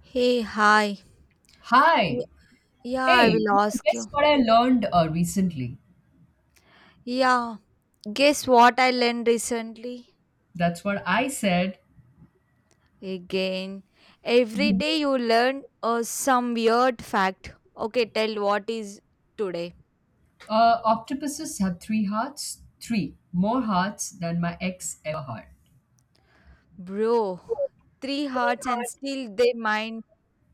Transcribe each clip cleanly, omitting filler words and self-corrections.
Hey, hi. Y- Hi. Yeah, Hey, I will ask guess you. what I learned recently? Yeah, guess what I learned recently? That's what I said. Again, every day you learn some weird fact. Okay, tell what is today. Octopuses have three hearts, three more hearts than my ex ever had. Bro, three hearts and still they mind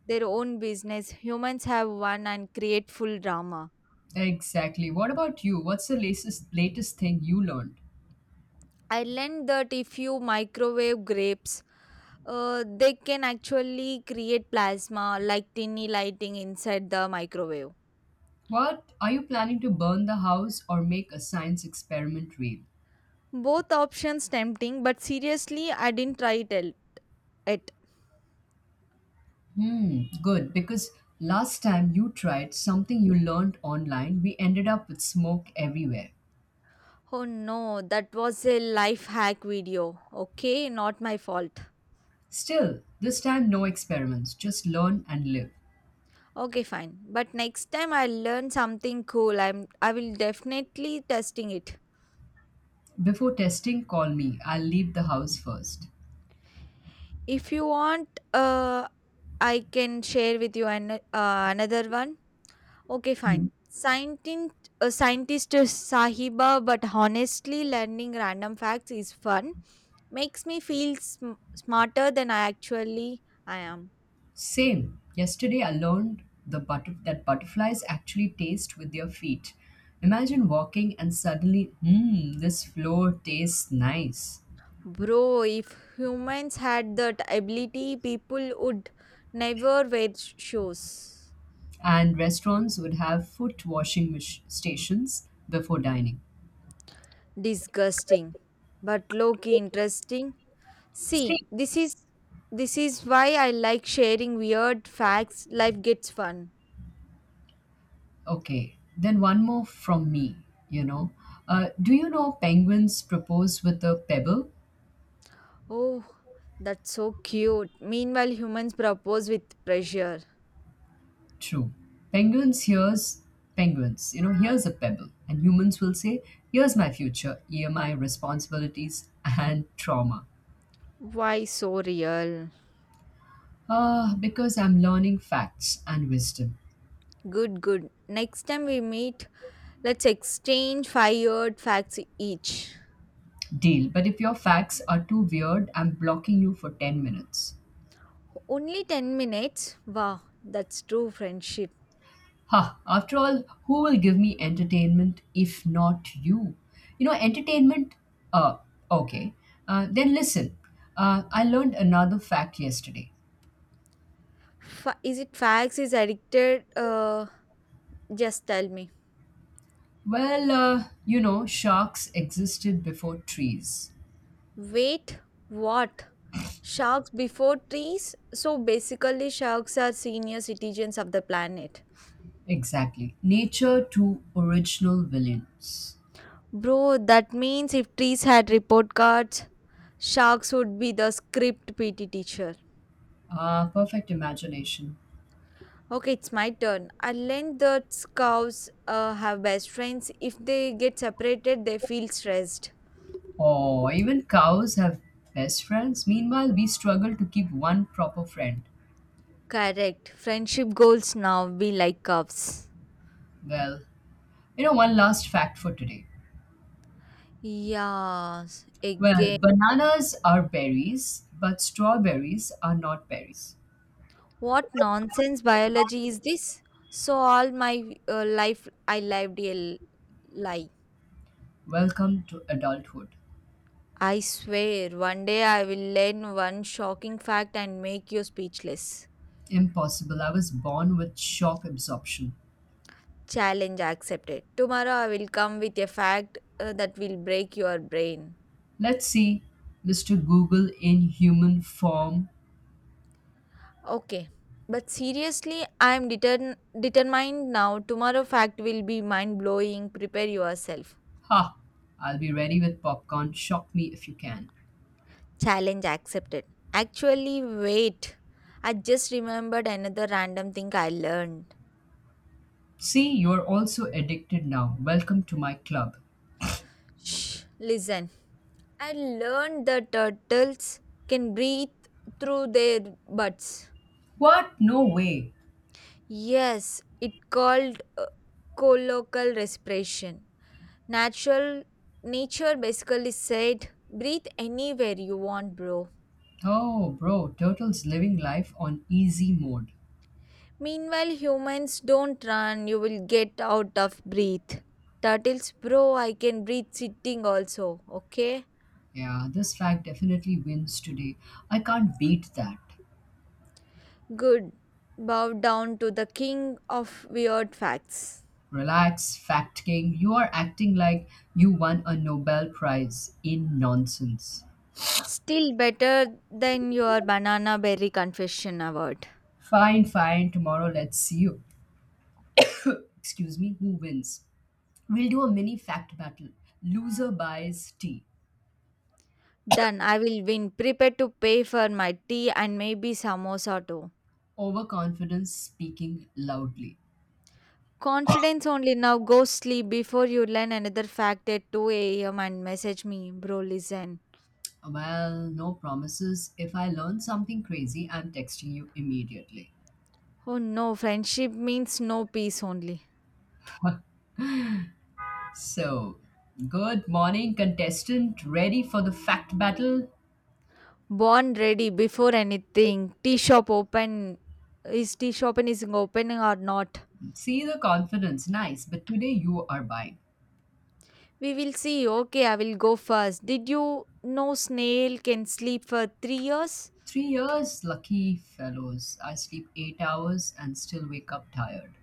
their own business. Humans have one and create full drama. Exactly. What about you? What's the latest thing you learned? I learned that if you microwave grapes, they can actually create plasma like tiny lighting inside the microwave. What are you planning to burn the house or make a science experiment real? Both options tempting, but seriously, I didn't try it. It. Hmm, good. Because last time you tried something you learned online, we ended up with smoke everywhere. Oh no, that was a life hack video. Okay, not my fault. Still, this time no experiments, just learn and live. Okay, fine. But next time I learn something cool, I will definitely testing it. Before testing, call me. I'll leave the house first. If you want, uh, I can share with you another one. Okay, Hmm. fine. Scientist Sahiba, but honestly, learning random facts is fun. Makes me feel smarter than I actually I am. Same. Yesterday, I learned that butterflies actually taste with their feet. Imagine walking and suddenly, this floor tastes nice. Bro, if humans had that ability, people would never wear shoes. And restaurants would have foot washing stations before dining. Disgusting, but low-key interesting. See, See, this is why I like sharing weird facts. Life gets fun. okay, then one more from me, you know. Do you know penguins propose with a pebble? Oh, that's so cute. Meanwhile, humans propose with pressure. True. Penguins hears penguins. Here's a pebble. And humans will say, here's my future, here my responsibilities and trauma. Why so real? Ah, because I'm learning facts and wisdom. Good, good. Next time we meet, let's exchange fired facts each. Deal. But if your facts are too weird, I'm blocking you for 10 minutes. Only 10 minutes? Wow, that's true friendship. Ha, after all, who will give me entertainment if not you? Entertainment, uh, okay. Then listen, I learned another fact yesterday. Is it facts? Is addicted? Just tell me. Well, sharks existed before trees. Wait, what? Sharks before trees? So basically, sharks are senior citizens of the planet. Exactly. Nature to original villains. Bro, that means if trees had report cards, sharks would be the script PT teacher. Ah, perfect imagination. Okay, it's my turn. I learned that cows have best friends. If they get separated, they feel stressed. Oh, even cows have best friends. Meanwhile, we struggle to keep one proper friend. Correct. Friendship goals now be like cups. Well, one last fact for today. Yes, Well, again. bananas are berries, but strawberries are not berries. What nonsense biology is this? So all my life I lived a lie. Welcome to adulthood. I swear, one day I will learn one shocking fact and make you speechless. Impossible. I was born with shock absorption. Challenge accepted. Tomorrow I will come with a fact that will break your brain. Let's see, Mr. Google in human form. Okay. But seriously, I am determined now. Tomorrow fact will be mind blowing. Prepare yourself. Ha! I'll be ready with popcorn. Shock me if you can. Challenge accepted. Actually, wait. I just remembered another random thing I learned. See, you're also addicted now. Welcome to my club. Shh, listen. I learned that turtles can breathe through their butts. What? No way. Yes, it called colloquial respiration. Natural nature basically said, breathe anywhere you want, bro. Oh, bro, Turtle's living life on easy mode. Meanwhile, humans don't run, you will get out of breath. Turtles, bro, I can breathe sitting also, okay? Yeah, this fact definitely wins today. I can't beat that. Good. Bow down to the king of weird facts. Relax, Fact King. You are acting like you won a Nobel Prize in nonsense. Still better than your banana berry confession award. Fine, fine. Tomorrow, let's see you. Excuse me, who wins. We'll do a mini fact battle. Loser buys tea. Done, I will win. Prepare to pay for my tea and maybe samosa too. Overconfidence speaking loudly. Confidence only now. Go sleep before you learn another fact at 2 a.m. and message me, bro. Listen. Well, no promises. If I learn something crazy, I'm texting you immediately. Oh no, friendship means no peace only. So, good morning, contestant. Ready for the fact battle? Born ready before anything. Tea shop open. Is tea shop is opening or not? See the confidence. Nice. But today you are buying. We will see. Okay, I will go first. Did you know snail can sleep for 3 years? 3 years, lucky fellows. I sleep 8 hours and still wake up tired.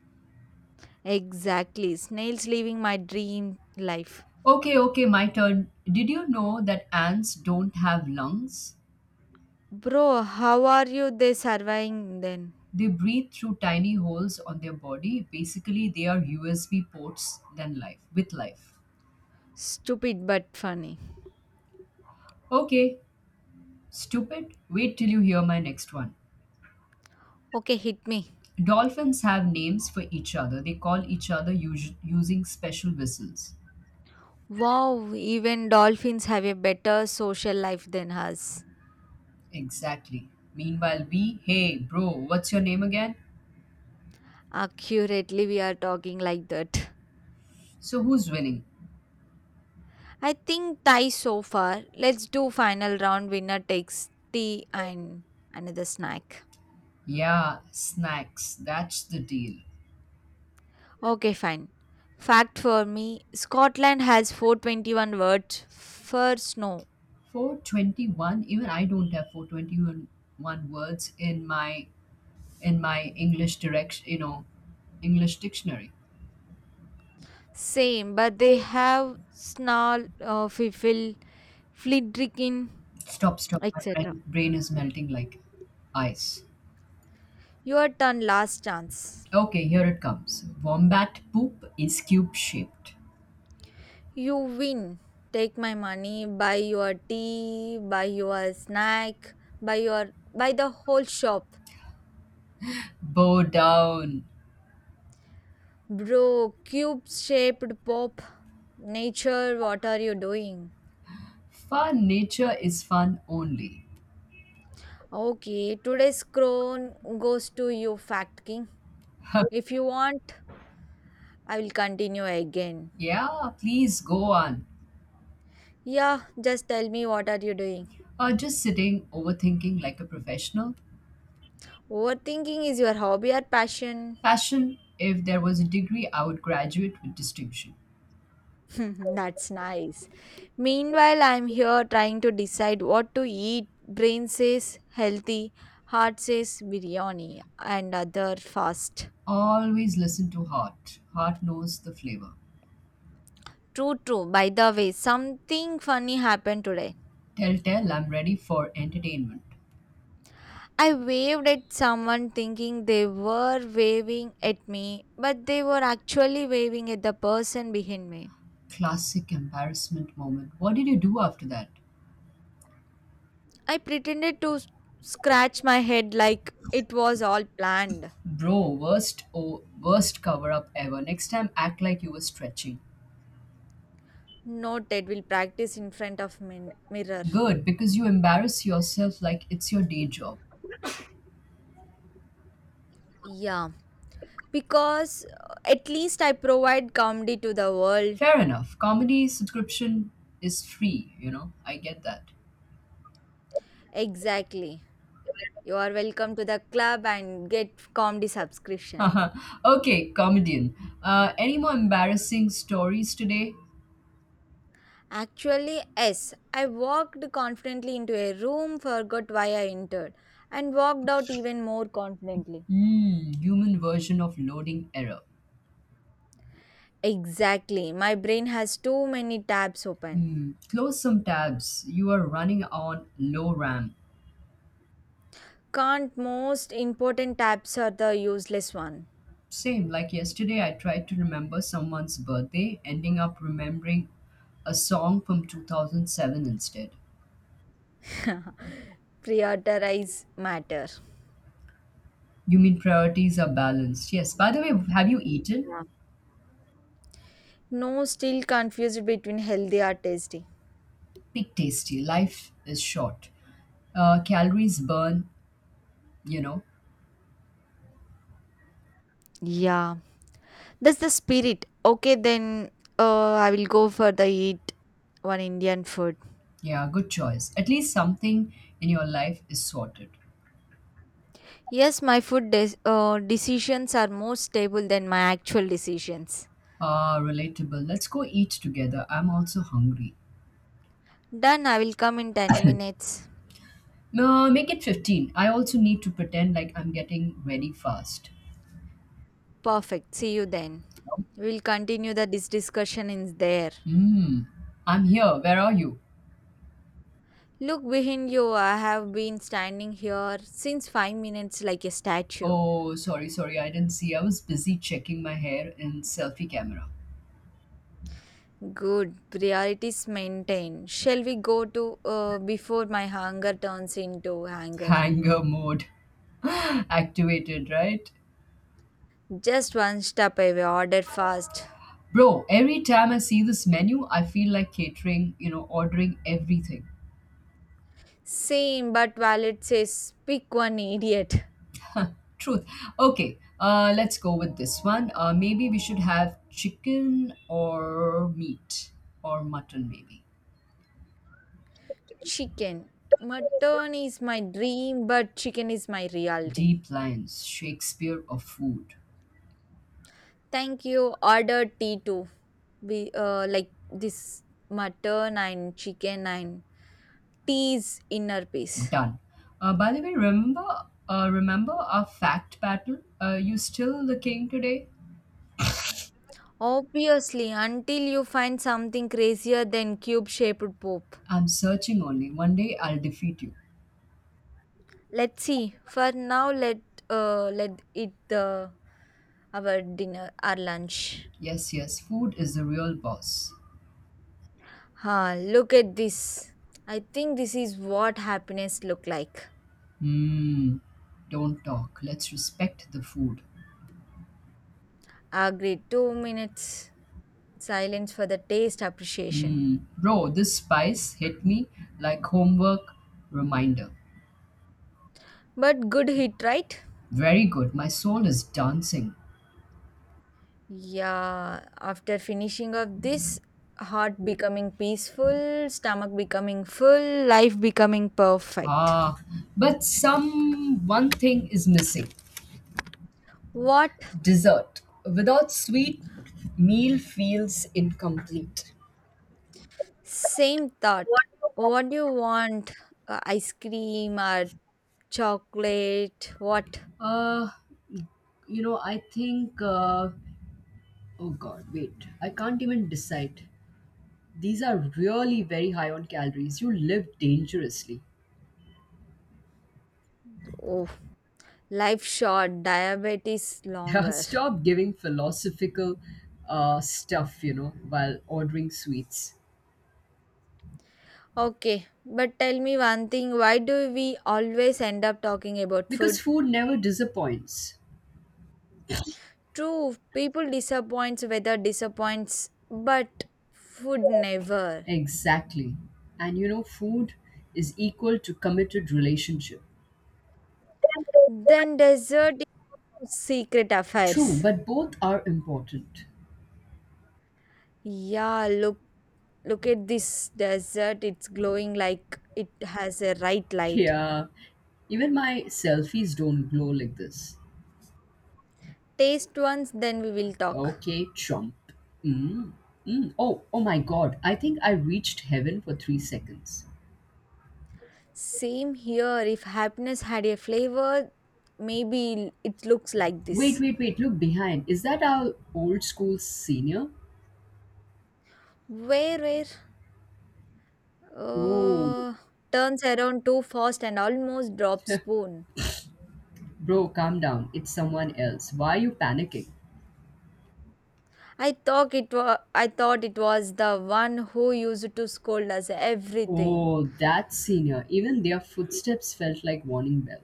Exactly. Snails living my dream life. Okay, okay, my turn. Did you know that ants don't have lungs? Bro, how are you they surviving then? They breathe through tiny holes on their body. Basically, they are USB ports than life with life. Stupid but funny. Okay, stupid. Wait till you hear my next one. Okay, hit me. Dolphins have names for each other. They call each other using special whistles. Wow, even dolphins have a better social life than us. Exactly. Meanwhile, we, hey, bro, what's your name again? Accurately we are talking like that. So who's winning? I think tie so far. Let's do final round winner takes tea and another snack. Yeah, snacks. That's the deal. Okay, fine. Fact for me, Scotland has 421 words for snow. 421, even I don't have 421 one words in my English direct. English dictionary. Same, but they have snarl, fiffle, flidrikin, Stop, stop my etc. brain, brain is melting like ice. Your turn, last chance. Okay, here it comes. Wombat poop is cube shaped. You win. Take my money, buy your tea, buy your snack, buy your buy the whole shop. Bow down. Bro, cube shaped pop. Nature, what are you doing? Fun, nature is fun only. Okay, today's crown goes to you, Fact King. If you want, I will continue again. Yeah, please go on. Yeah, just tell me what are you doing? Just sitting overthinking like a professional. Overthinking is your hobby or passion? Passion. If there was a degree, I would graduate with distinction. That's nice. Meanwhile, I'm here trying to decide what to eat. Brain says healthy, heart says biryani, and other fast. Always listen to heart. Heart knows the flavor. True, true. By the way, something funny happened today. Tell, tell, I'm ready for entertainment. I waved at someone thinking they were waving at me, but they were actually waving at the person behind me. Classic embarrassment moment. What did you do after that? I pretended to scratch my head like it was all planned. Bro, worst cover up ever. Next time, act like you were stretching. Note that we will practice in front of mirror. Good, because you embarrass yourself like it's your day job. Yeah, because at least I provide comedy to the world. Fair enough. Comedy subscription is free. I get that. Exactly. You are welcome to the club and get comedy subscription. Okay, comedian. Any more embarrassing stories today? Actually, yes. I walked confidently into a room, forgot why I entered, and walked out even more confidently. Hmm, human version of loading error. Exactly. My brain has too many tabs open. Hmm, close some tabs. You are running on low RAM. Can't, most important tabs are the useless one. Same, like yesterday, I tried to remember someone's birthday, ending up remembering a song from 2007 instead. Prioritize matter. You mean priorities are balanced? Yes. By the way, have you eaten? Yeah. No, still confused between healthy or tasty. Pick tasty. Life is short. Calories burn, you know. Yeah, that's the spirit. Okay, then I will go for the eat one Indian food. Yeah, good choice. At least something in your life is sorted. Yes, my food decisions are more stable than my actual decisions. Ah, relatable. Let's go eat together. I'm also hungry. Done, I will come in 10 minutes. No, make it 15. I also need to pretend like I'm getting ready fast. Perfect, see you then. We'll continue the this discussion in there. Hmm. I'm here. Where are you? Look behind you, I have been standing here since 5 minutes like a statue. Oh, sorry, sorry. I didn't see. I was busy checking my hair in selfie camera. Good, priorities maintained. Shall we go to, before my hunger turns into anger? Hanger mode activated, right? Just one step away, order fast. Bro, every time I see this menu, I feel like catering, ordering everything. Same but wallet says pick one idiot. Truth. Okay, let's go with this one. Maybe we should have chicken or meat or mutton, maybe. Chicken. Mutton is my dream, but chicken is my reality. Deep lines, Shakespeare of food. Thank you. Order tea too. Be like this mutton and chicken and tea is inner peace. Done. By the way, remember our fact battle? You still the king today? Obviously, until you find something crazier than cube shaped pope. I'm searching only. One day I'll defeat you. Let's see. For now, let eat the our dinner our lunch. Yes, yes, food is the real boss. Ah, look at this. I think this is what happiness look like. Hmm. Don't talk. Let's respect the food. Agreed. 2 minutes. Silence for the taste appreciation. Hmm. Bro, this spice hit me like homework reminder. But good hit, right? Very good. My soul is dancing. Yeah, after finishing of this, heart becoming peaceful, stomach becoming full, life becoming perfect. Ah, but some one thing is missing. What? Dessert without sweet meal feels incomplete. Same thought. What do you want? Ice cream or chocolate? What? Uh, I think. Oh God, wait! I can't even decide. These are really very high on calories. You live dangerously. Oh, life short, diabetes Yeah, longer. stop giving philosophical stuff, while ordering sweets. Okay, but tell me one thing, why do we always end up talking about Because food? food never disappoints. True, people disappoints, weather disappoints, but food never. Exactly. And food is equal to committed relationship. Then dessert is no secret True, affairs. but both are important. Yeah, look at this dessert. It's glowing like it has a right light. Yeah, even my selfies don't glow like this. Taste once, then we will talk. Okay, chump. Mm. Mm. Oh, oh my god, I think I reached heaven for 3 seconds. Same here. If happiness had a flavor, maybe it looks like Wait, this. wait, wait, look behind. Is that our old school senior? Where? Oh, Uh, Turns around too fast and almost drops spoon. bro, calm down. It's someone else. Why are you panicking? I thought it was the one who used to scold us everything. Oh, that senior. Even their footsteps felt like warning bell.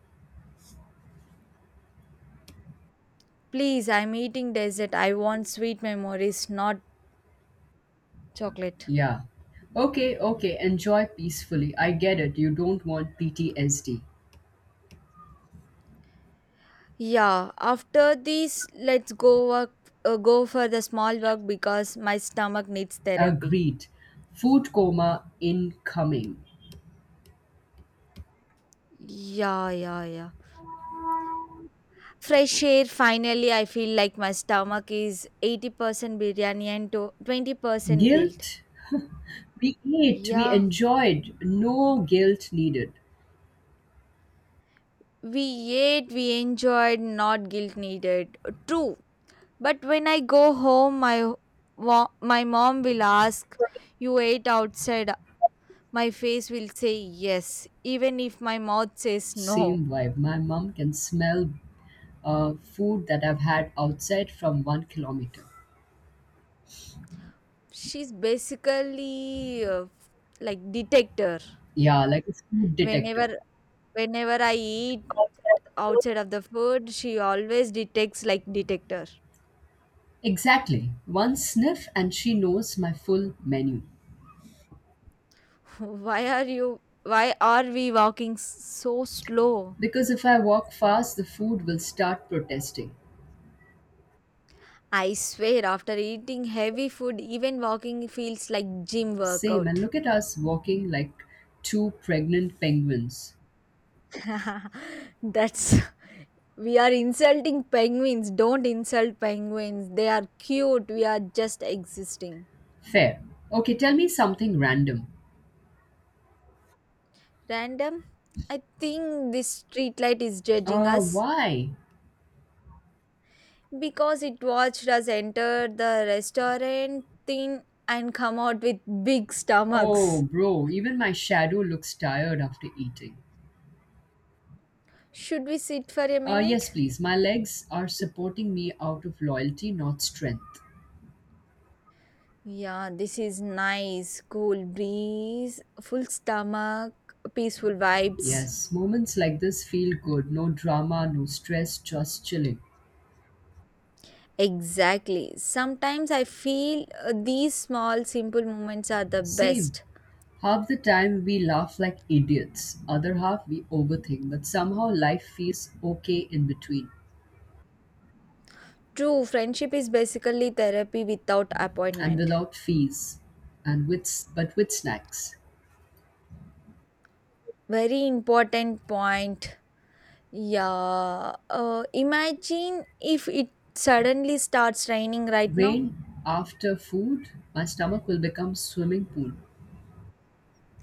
Please, I'm eating dessert. I want sweet memories, not chocolate. Yeah. Okay, okay, enjoy peacefully. I get it. You don't want PTSD. Yeah, after this, let's go for the small walk because my stomach needs therapy. Agreed. Food coma incoming. Yeah, yeah, yeah. Fresh air. Finally, I feel like my stomach is 80% biryani and to 20% guilt. Guilt? We ate, we Yeah, enjoyed, no guilt needed. we ate, we enjoyed, not guilt needed. True. But when I go home, my mom will ask, "You ate outside?" My face will say yes, even if my mouth says no. Same vibe. My mom can smell food that I've had outside from 1 kilometer. She's basically like detector. Yeah, like a food detector. Whenever whenever I eat outside of the food, she always detects like detector. Exactly. One sniff and she knows my full menu. Why are you? Why are we walking so slow? Because if I walk fast, the food will start protesting. I swear, after eating heavy food, even walking feels like gym Same. And workout. look at us walking like two pregnant penguins. That's We are insulting penguins. Don't insult penguins. They are cute. We are just existing. Fair. Okay, tell me something random. Random. I think this streetlight is judging Uh, us why? because it watched us enter the restaurant thing and come out with big Oh, stomachs. bro, even my shadow looks tired after eating. Should we sit for a Yes, minute? please. My legs are supporting me out of loyalty, not strength. Yeah, this is nice. Cool breeze, full stomach, peaceful vibes. Yes, moments like this feel good. No drama, no stress, just chilling. Exactly. Sometimes I feel these small, simple moments are the Same. best. Half the time we laugh like idiots, other half we overthink, but somehow life feels okay in between True, friendship is basically therapy without and appointment. without fees and with but with snacks. Very important point. Yeah. Imagine if it suddenly starts raining right now. Rain after food, my stomach will become swimming pool.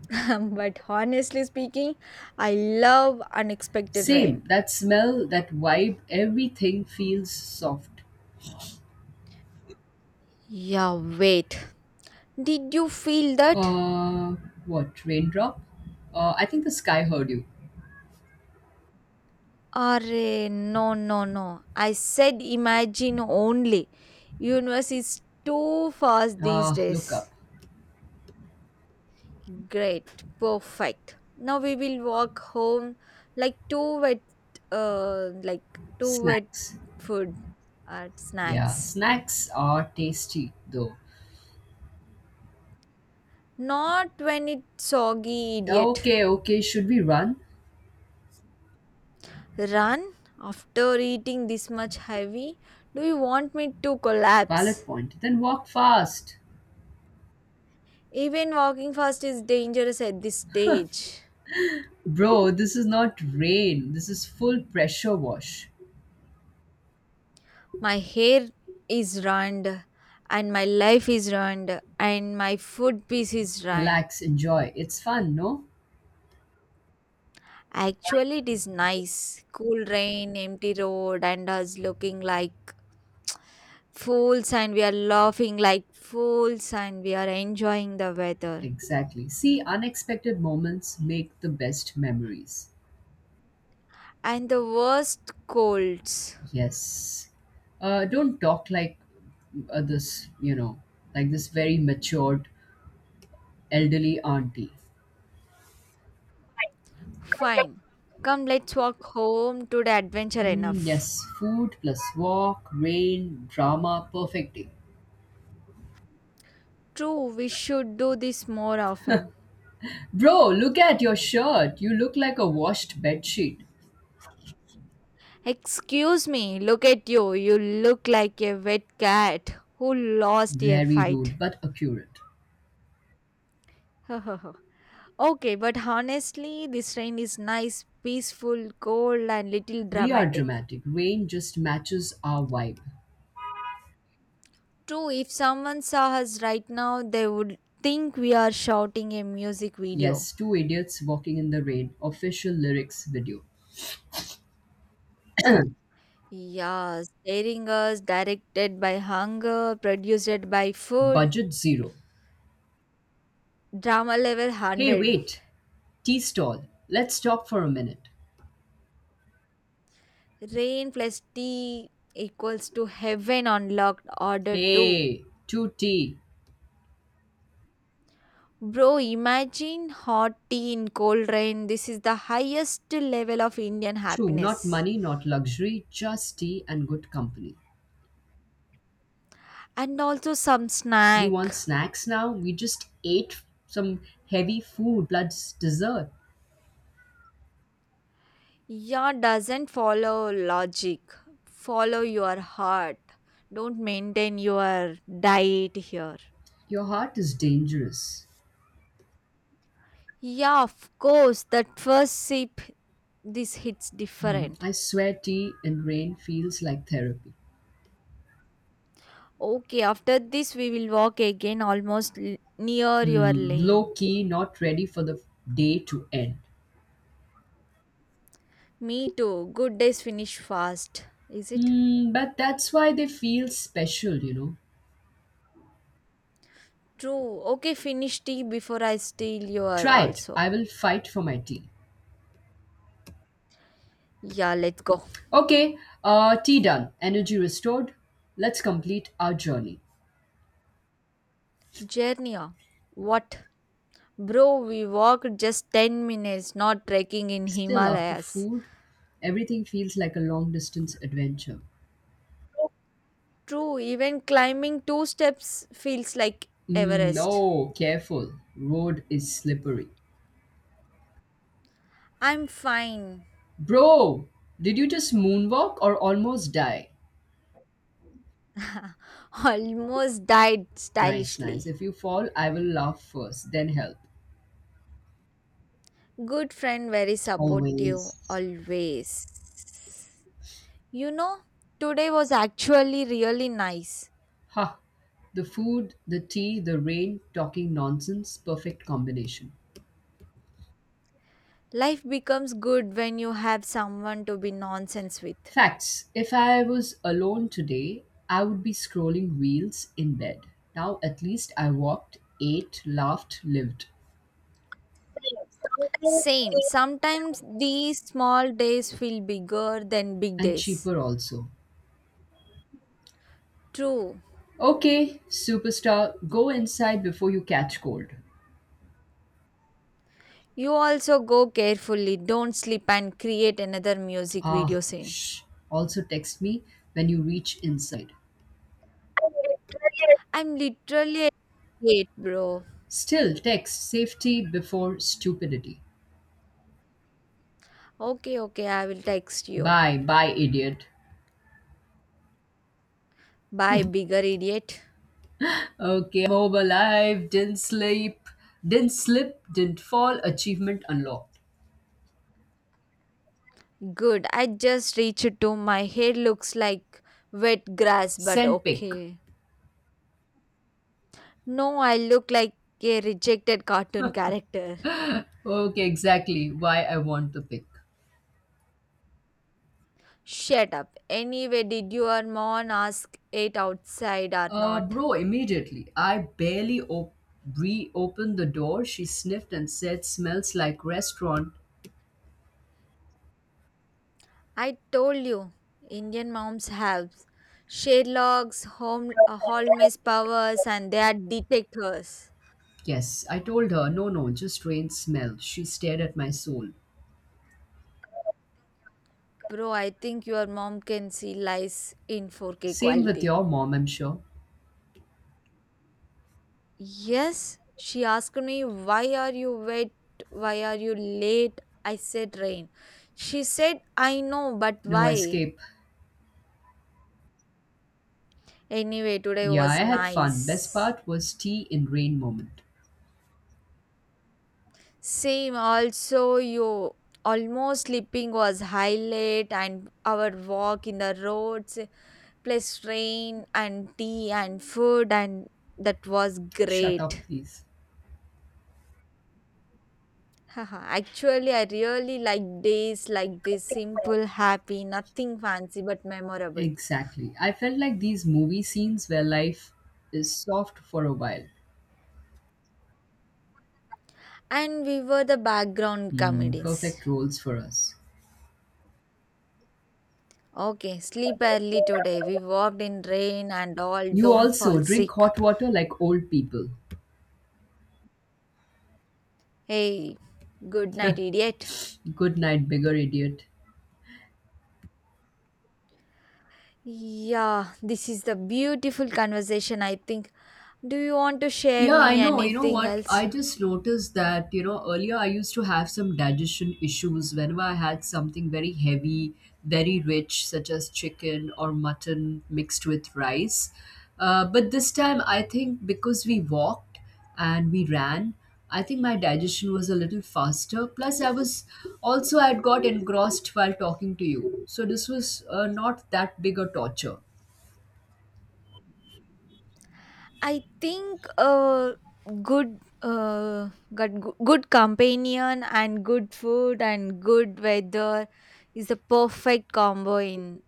But honestly speaking, I love unexpected Same, rain. that smell, that vibe, everything feels soft. Yeah, wait. Did you feel that? Uh, what? Raindrop? I think the sky heard you. Arre, no, no, no. I said imagine only. Universe is too fast these Ah, look up. days. Great, perfect. Now we will walk home like two wet, like two wet Snacks. food and Yeah, snacks. snacks are tasty though. Not when it's soggy, Yeah, idiot. okay, okay, should we run? Run after eating this much heavy. Do you want me to collapse? Valid point. Then walk fast. Even walking fast is dangerous at this stage. Bro, this is not rain. This is full pressure wash. My hair is ruined and my life is ruined and my food piece is ruined. Relax, enjoy. It's fun, no? Actually, it is nice. Cool rain, empty road and us looking like fools and we are laughing like fools and we are enjoying the weather. Exactly. See, unexpected moments make the best memories. And the worst colds. Yes. Don't talk like this, like this very matured elderly auntie. Fine, come, let's walk home to the adventure Hmm. enough. Yes, food plus walk, rain, drama, perfect day. True, we should do this more often. Bro, look at your shirt. You look like a washed bedsheet. Excuse me, look at you. You look like a wet cat who lost a Very rude, fight. but accurate. Okay, but honestly, this rain is nice, peaceful, cold, and little We are dramatic. dramatic. Rain just matches our vibe. True, if someone saw us right now, they would think we are shouting a music video. Yes, two idiots walking in the rain. Official lyrics video. Yeah, staring us, directed by hunger, produced by food, Budget zero. drama level Hey, 100. wait. Tea stall. Let's stop for a minute. Rain plus tea equals to heaven on locked order 2. Hey, two tea. Bro, imagine hot tea in cold rain. This is the highest level of Indian True, not happiness. money, not luxury, just tea and good company. And also some You want snack. snacks now? We just ate some heavy food plus dessert. Yeah, doesn't follow logic. Follow your heart. Don't maintain your diet here. Your heart is dangerous. Yeah, of course, that first sip, this hits Hmm, different. I swear tea in rain feels like therapy. Okay, after this, we will walk again almost near your Hmm, lane. low key, not ready for the day to end. Me too. Good days finish fast, is it? Hmm, but that's why they feel special. True. Okay, finish tea before I steal your Try it. also. I will fight for my tea. Yeah, let's go. Okay, tea done, energy restored. Let's complete our journey. Journey. Ah. What? Bro, we walked just 10 minutes, not trekking in Still, after Himalayas. food, everything feels like a long distance adventure. True, even climbing two steps feels like Mm, Everest. no, careful. Road is slippery. I'm fine. Bro, did you just moonwalk or almost die? Almost died Nice, nice. stylishly. If you fall, I will laugh first, then help. Good friend, very supportive, Always. always. You know, today was actually really nice. Ha! The food, the tea, the rain, talking nonsense, perfect combination. Life becomes good when you have someone to be nonsense with. Facts. If I was alone today, I would be scrolling reels in bed. Now at least I walked, ate, laughed, lived. Same. Sometimes these small days feel bigger than big And days. cheaper also. True. Okay, superstar, go inside before you catch cold. You also go carefully. Don't slip and create another music video Ah, scene. shh. Also text me when you reach inside. I'm literally at eight, bro. Still, text safety before stupidity. Okay, okay, I will text you. Bye, bye, idiot. Bye, bigger idiot. Okay, I'm home alive, didn't sleep, didn't slip, didn't fall, achievement unlocked. Good. I just reached to my hair looks like wet grass, but Send pic. okay. No, I look like a rejected cartoon character. Okay, exactly why I want to pick. Shut up. Anyway, did your mom ask it outside or Uh, not? bro, immediately. I barely reopened the door. She sniffed and said, "Smells like restaurant." I told you, Indian moms have Sherlock's, Holmes powers, and they are detectors. Yes, I told her, "No, no, just strange smell." She stared at my soul. Bro, I think your mom can see lies in 4K Same with quality. your mom, I'm sure. Yes, she asked me, why are you wet? Why are you late? I said, rain. She said, I know, but No why? escape. Anyway, today Yeah, I was had fun. Best nice. part was tea in rain moment. Same, also, you almost sleeping was highlight, and our walk in the roads, plus rain and tea and food, and that was Shut up, great. please. Haha, actually, I really like days like this, simple, happy, nothing fancy but memorable. Exactly. I felt like these movie scenes where life is soft for a while. And we were the background Hmm, comedians. perfect roles for us. Okay, sleep early today. We walked in rain and all, You don't also fall drink sick. hot water like old people. Hey, good night, idiot. Good night, bigger idiot. Yeah, this is the beautiful conversation, I think. Do you want to share Yeah, I me know. You know anything what? else? I just noticed that earlier I used to have some digestion issues whenever I had something very heavy, very rich, such as chicken or mutton mixed with rice. But this time, I think because we walked and we ran, I think my digestion was a little faster. Plus, I was also, I had got engrossed while talking to you. So this was not that big a torture. I think good companion and good food and good weather is the perfect combo in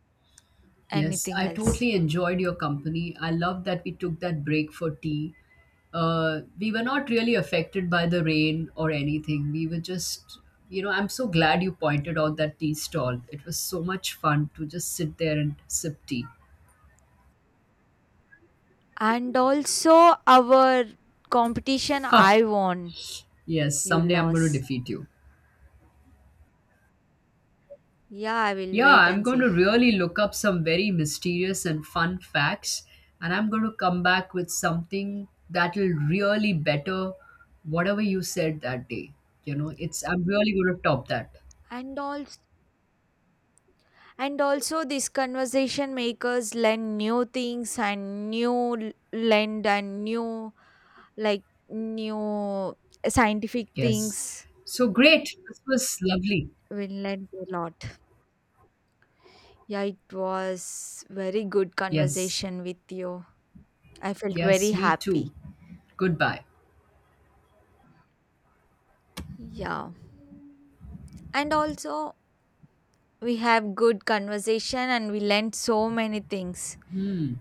Yes, anything I else. totally enjoyed your company. I love that we took that break for tea. We were not really affected by the rain or anything. We were just. I'm so glad you pointed out that tea stall. It was so much fun to just sit there and sip tea. And also our competition, Ha! I won, Yes, you someday I'm going to lost. defeat you. Yeah, I will Yeah, wait I'm and going to see. really look up some very mysterious and fun facts, and I'm going to come back with something that'll really better whatever you said that day. You know, it's I'm really going to top that. And also and also these conversation makers learn new things and new l- lend and like new scientific Yes. things So great. This was lovely. will learn a lot. Yeah, it was very good Yes. conversation with you. I felt very Yes, me happy. too. Goodbye. Yeah, and also we have good conversation and we learned so many things. Hmm.